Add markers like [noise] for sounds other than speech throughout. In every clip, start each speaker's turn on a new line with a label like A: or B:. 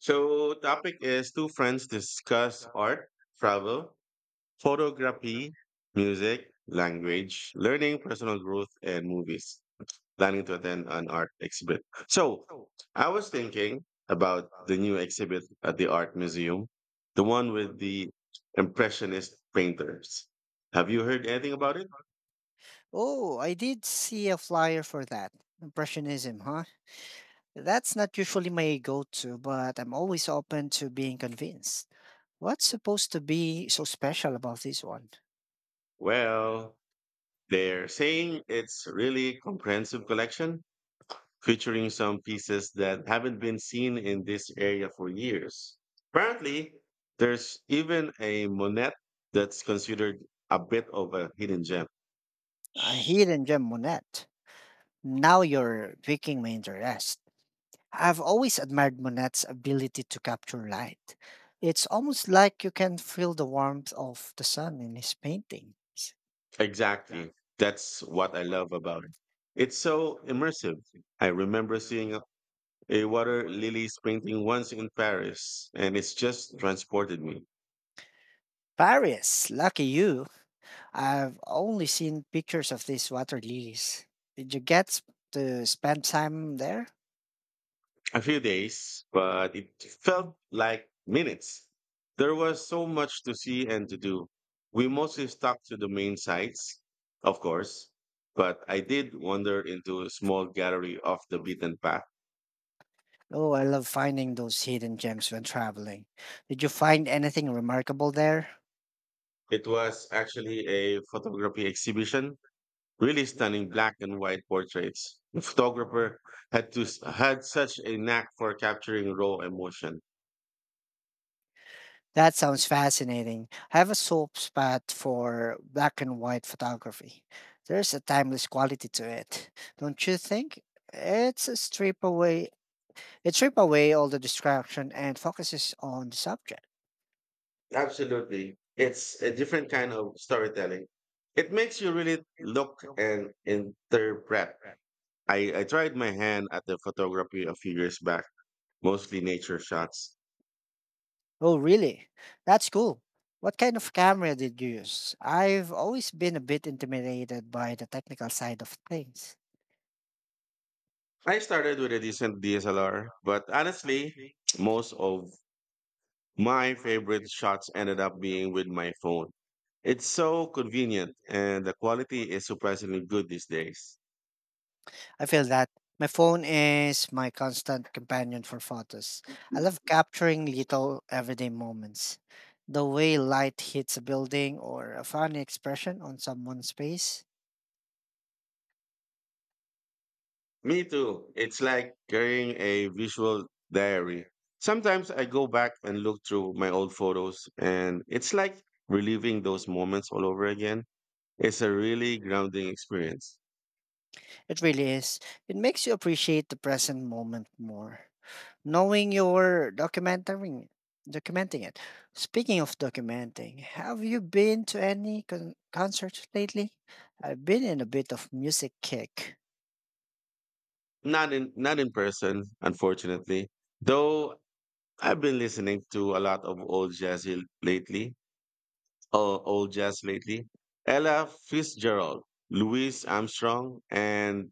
A: So topic is two friends discuss art, travel, photography, music, language, learning, personal growth, and movies. Planning to attend an art exhibit. So I was thinking about the new exhibit at the art museum, the one with the impressionist painters. Have you heard anything about it?
B: Oh, I did see a flyer for that. Impressionism, huh? That's not usually my go to, but I'm always open to being convinced. What's supposed to be so special about this one?
A: Well, they're saying it's really comprehensive collection featuring some pieces that haven't been seen in this area for years. Apparently, there's even a Monet that's considered a bit of a hidden gem.
B: A hidden gem Monet. Now you're picking my interest. I've always admired Monet's ability to capture light. It's almost like you can feel the warmth of the sun in his paintings.
A: Exactly. That's what I love about it. It's so immersive. I remember seeing a water lilies painting once in Paris, and it's just transported me.
B: Paris, lucky you. I've only seen pictures of these water lilies. Did you get to spend time there?
A: A few days, but it felt like minutes. There was so much to see and to do. We mostly stuck to the main sites, of course, but I did wander into a small gallery off the beaten path.
B: Oh, I love finding those hidden gems when traveling. Did you find anything remarkable there?
A: It was actually a photography exhibition, really stunning black and white portraits. The photographer had to had such a knack for capturing raw emotion.
B: That sounds fascinating. I have a soft spot for black and white photography. There's a timeless quality to it, don't you think? It's a strip away. It strip away all the distraction and focuses on the subject.
A: Absolutely. It's a different kind of storytelling. It makes you really look and interpret. I tried my hand at the photography a few years back, mostly nature shots.
B: Oh, really? That's cool. What kind of camera did you use? I've always been a bit intimidated by the technical side of things.
A: I started with a decent DSLR, but honestly, most of my favorite shots ended up being with my phone. It's so convenient, and the quality is surprisingly good these days.
B: I feel that my phone is my constant companion for photos. I love capturing little everyday moments. The way light hits a building or a funny expression on someone's face.
A: Me too. It's like carrying a visual diary. Sometimes I go back and look through my old photos, and it's like reliving those moments all over again. It's a really grounding experience.
B: It really is. It makes you appreciate the present moment more. Knowing you're documenting it. Speaking of documenting, have you been to any concerts lately? I've been in a bit of music kick.
A: Not in person, unfortunately. Though I've been listening to a lot of lately, or old jazz lately. Ella Fitzgerald, Louis Armstrong, and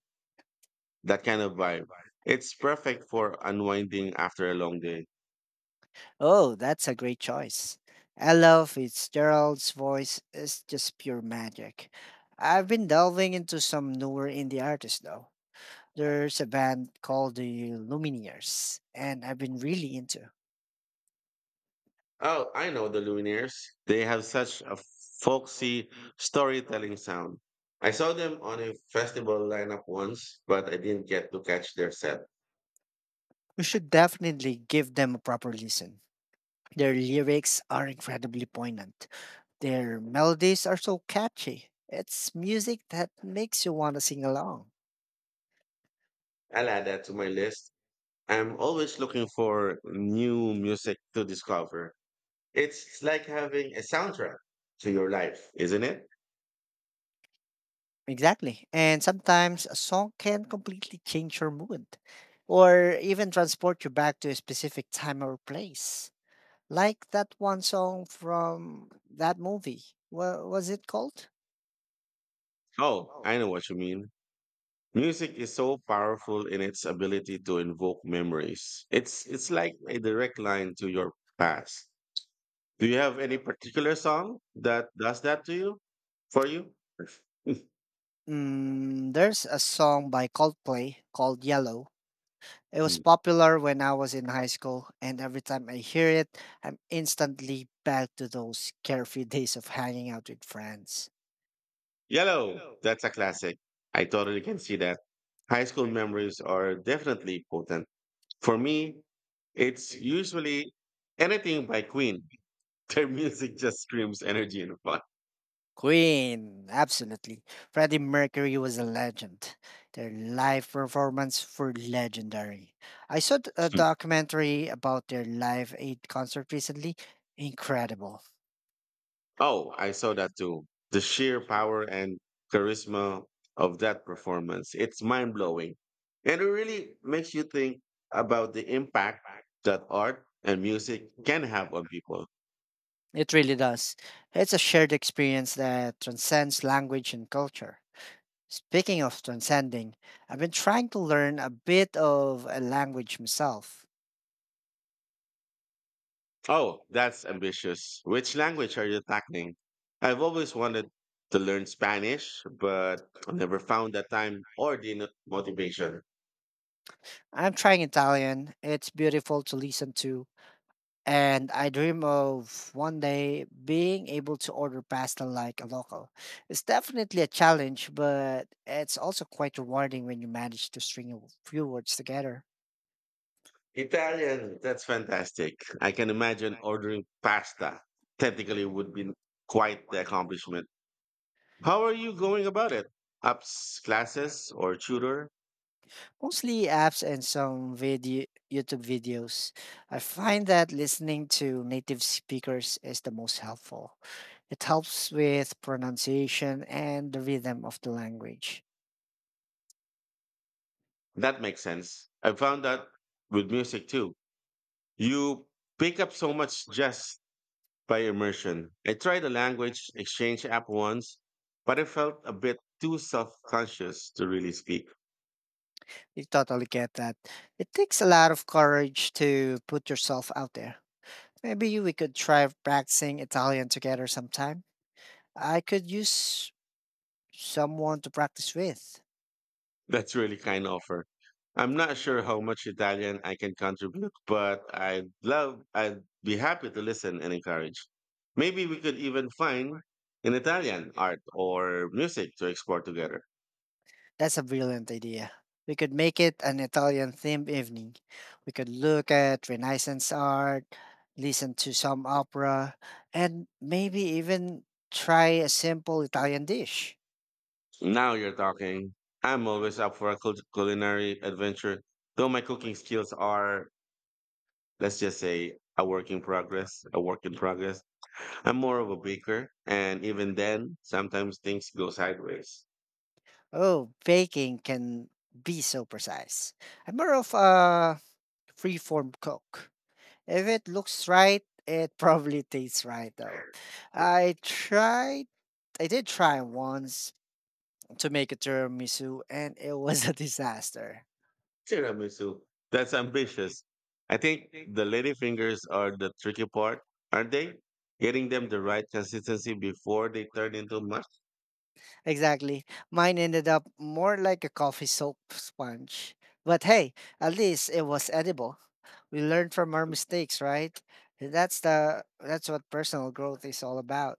A: that kind of vibe. It's perfect for unwinding after a long day.
B: Oh, that's a great choice. Ella Fitzgerald's voice is just pure magic. I've been delving into some newer indie artists though. There's a band called the Lumineers, and I've been really into.
A: Oh, I know the Lumineers. They have such a folksy storytelling sound. I saw them on a festival lineup once, but I didn't get to catch their set.
B: We should definitely give them a proper listen. Their lyrics are incredibly poignant. Their melodies are so catchy. It's music that makes you want to sing along.
A: I'll add that to my list. I'm always looking for new music to discover. It's like having a soundtrack to your life, isn't it?
B: Exactly. And sometimes a song can completely change your mood or even transport you back to a specific time or place. Like that one song from that movie. What was it called?
A: Oh, I know what you mean. Music is so powerful in its ability to invoke memories. It's like a direct line to your past. Do you have any particular song that does that to you? For you?
B: Mm, there's a song by Coldplay called Yellow. It was
A: Hmm.
B: popular when I was in high school, and every time I hear it, I'm instantly back to those carefree [laughs] days of hanging out with friends.
A: Yellow. That's a classic. I totally can see that. High school memories are definitely potent. For me, it's usually anything by Queen. [laughs] Their music just screams energy and fun.
B: Queen, absolutely. Freddie Mercury was a legend. Their live performance were legendary. I saw a documentary about their Live Aid concert recently. Incredible.
A: Oh, I saw that too. The sheer power and charisma of that performance. It's mind blowing. And it really makes you think about the impact that art and music can have on people.
B: It really does. It's a shared experience that transcends language and culture. Speaking of transcending, I've been trying to learn a bit of a language myself.
A: Oh, that's ambitious. Which language are you tackling? I've always wanted to learn Spanish, but I never found the time or the motivation.
B: I'm trying Italian. It's beautiful to listen to, and I dream of one day being able to order pasta like a local. It's definitely a challenge, but it's also quite rewarding when you manage to string a few words together.
A: Italian, that's fantastic. I can imagine ordering pasta. Technically, would be quite the accomplishment. How are you going about it? Apps, classes, or tutor?
B: Mostly apps and some video YouTube videos. I find that listening to native speakers is the most helpful. It helps with pronunciation and the rhythm of the language.
A: That makes sense. I found that with music too. You pick up so much just by immersion. I tried a language exchange app once, but I felt a bit too self conscious to really speak.
B: You totally get that. It takes a lot of courage to put yourself out there. Maybe we could try practicing Italian together sometime. I could use someone to practice with.
A: That's really kind offer. I'm not sure how much Italian I can contribute, but I'd be happy to listen and encourage. Maybe we could even find an Italian art or music to explore together.
B: That's a brilliant idea. We could make it an Italian themed evening. We could look at Renaissance art, listen to some opera, and maybe even try a simple Italian dish.
A: Now you're talking. I'm always up for a culinary adventure, though my cooking skills are let's just say a work in progress. I'm more of a baker, and even then, sometimes things go sideways.
B: Oh, baking can be so precise. I'm more of a freeform cook. If it looks right, it [laughs] probably tastes right though. I tried I did try once to make a tiramisu and it [laughs] was a disaster.
A: Tiramisu. That's ambitious. I think the lady fingers are the tricky part, aren't they? Getting them the right consistency before they turn into mush?
B: Exactly. Mine ended up more like a coffee soap sponge. But hey, at least it was edible. We learn from our mistakes, right? That's the that's what personal growth is all about.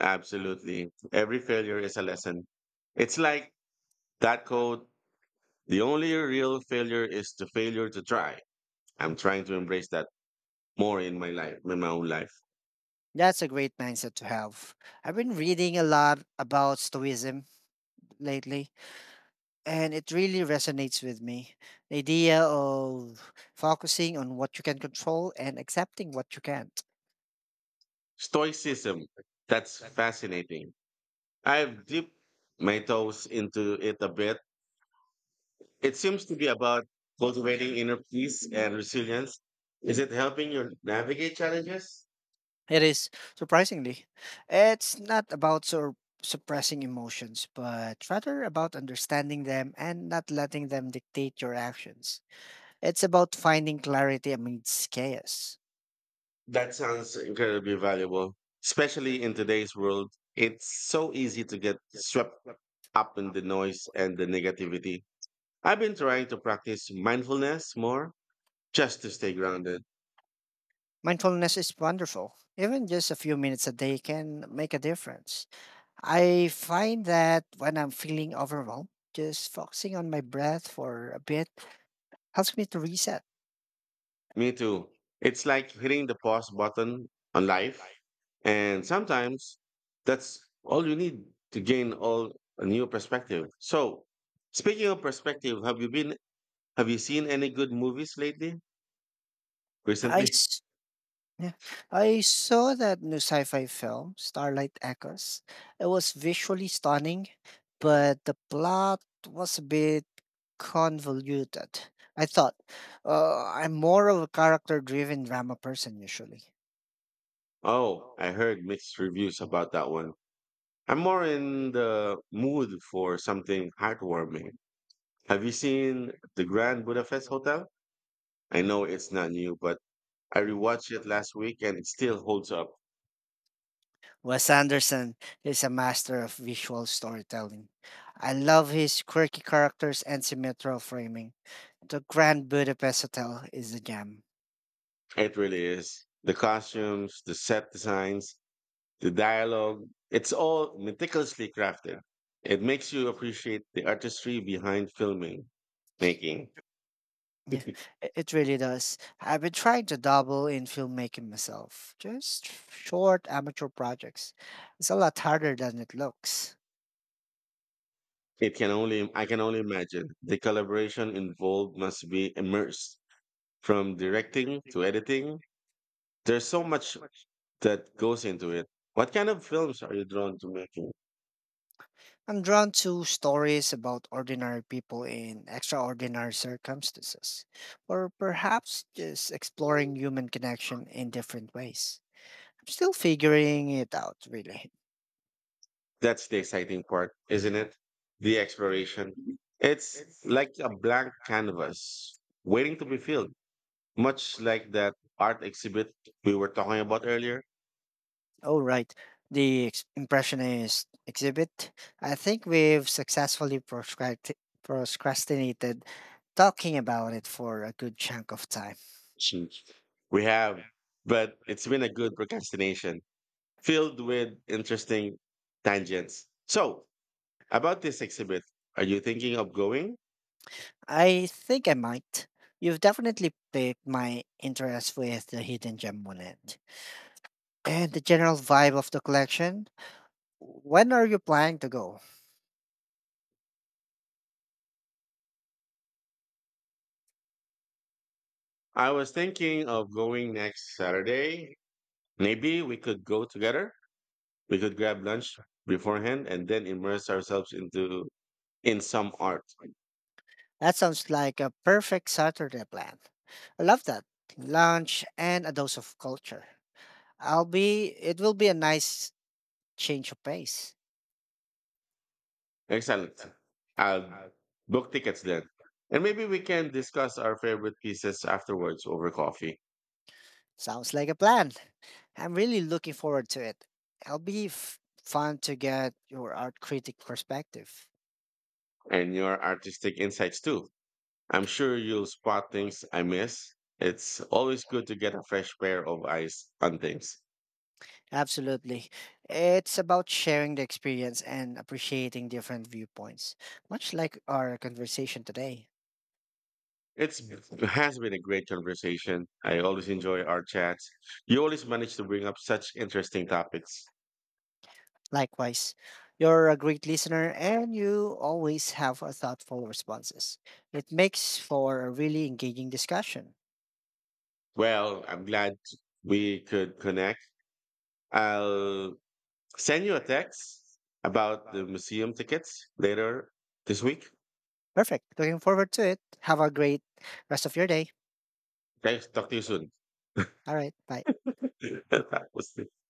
A: Absolutely. Every failure is a lesson. It's like that code. The only real failure is the failure to try. I'm trying to embrace that more in my life, in my own life.
B: That's a great mindset to have. I've been reading a lot about Stoicism lately, and it really resonates with me. The idea of focusing on what you can control and accepting what you can't.
A: Stoicism. That's fascinating. I've dipped my toes into it a bit. It seems to be about cultivating inner peace and resilience. Is it helping you navigate challenges?
B: It is, surprisingly, it's not about suppressing emotions, but rather about understanding them and not letting them dictate your actions. It's about finding clarity amidst chaos.
A: That sounds incredibly valuable, especially in today's world. It's so easy to get swept up in the noise and the negativity. I've been trying to practice mindfulness more just to stay grounded.
B: Mindfulness is wonderful. Even just a few minutes a day can make a difference. I find that when I'm feeling overwhelmed, just focusing on my breath for a bit helps me to reset.
A: Me too. It's like hitting the pause button on life. And sometimes that's all you need to gain all a new perspective. So speaking of perspective, have you seen any good movies lately?
B: I
A: Recently? [laughs]
B: s- Yeah, I saw that new sci-fi film, Starlight Echoes. It was visually stunning, but the plot was a bit convoluted. I thought, I'm more of a character-driven drama person usually.
A: Oh, I heard mixed reviews about that one. I'm more in the mood for something heartwarming. Have you seen The Grand Budapest Hotel? I know it's not new, but I rewatched it last week and it still holds up.
B: Wes Anderson is a master of visual storytelling. I love his quirky characters and symmetrical framing. The Grand Budapest Hotel is a gem.
A: It really is. The costumes, the set designs, the dialogue, it's all meticulously crafted. It makes you appreciate the artistry behind filming, making.
B: Yeah,
A: [laughs]
B: it really does. I've been trying to dabble in filmmaking myself, just short amateur projects. It's a lot harder than it looks.
A: I can only imagine the collaboration involved must be immersed from directing to editing. There's so much that goes into it. What kind of films are you drawn to making?
B: I'm drawn to stories about ordinary people in extraordinary circumstances, or perhaps just exploring human connection in different ways. I'm still figuring it out, really.
A: That's the exciting part, isn't it? The exploration. It's like a blank canvas waiting to be filled, much like that art exhibit we were talking about earlier.
B: Oh, right. The Impressionist exhibit. I think we've successfully procrastinated talking about it for a good chunk of time.
A: Jeez. We have, but it's been a good procrastination filled with interesting tangents. So, about this exhibit, are you thinking of going?
B: I think I might. You've definitely piqued my interest with the hidden gem monet and the general vibe of the collection. When are you planning to go?
A: I was thinking of going next Saturday. Maybe we could go together. We could grab lunch beforehand and then immerse ourselves into in some art.
B: That sounds like a perfect Saturday plan. I love that. Lunch and a dose of culture. I'll be It will be a nice change of pace.
A: Excellent. I'll book tickets then. And maybe we can discuss our favorite pieces afterwards over coffee
B: Sounds like a plan. I'm really looking forward to it. It'll be fun to get your art critic perspective.
A: and your artistic insights too. I'm sure you'll spot things I miss. It's always good to get a fresh pair of eyes on things.
B: Absolutely. It's about sharing the experience and appreciating different viewpoints, much like our conversation today.
A: It has been a great conversation. I always enjoy our chats. You always manage to bring up such interesting topics.
B: Likewise, you're a great listener and you always have a thoughtful responses. It makes for a really engaging discussion.
A: Well, I'm glad we could connect. I'll send you a text about the museum tickets later this week.
B: Perfect. Looking forward to it. Have a great rest of your day.
A: Thanks. Talk to you soon.
B: All right. Bye.
A: [laughs] That was-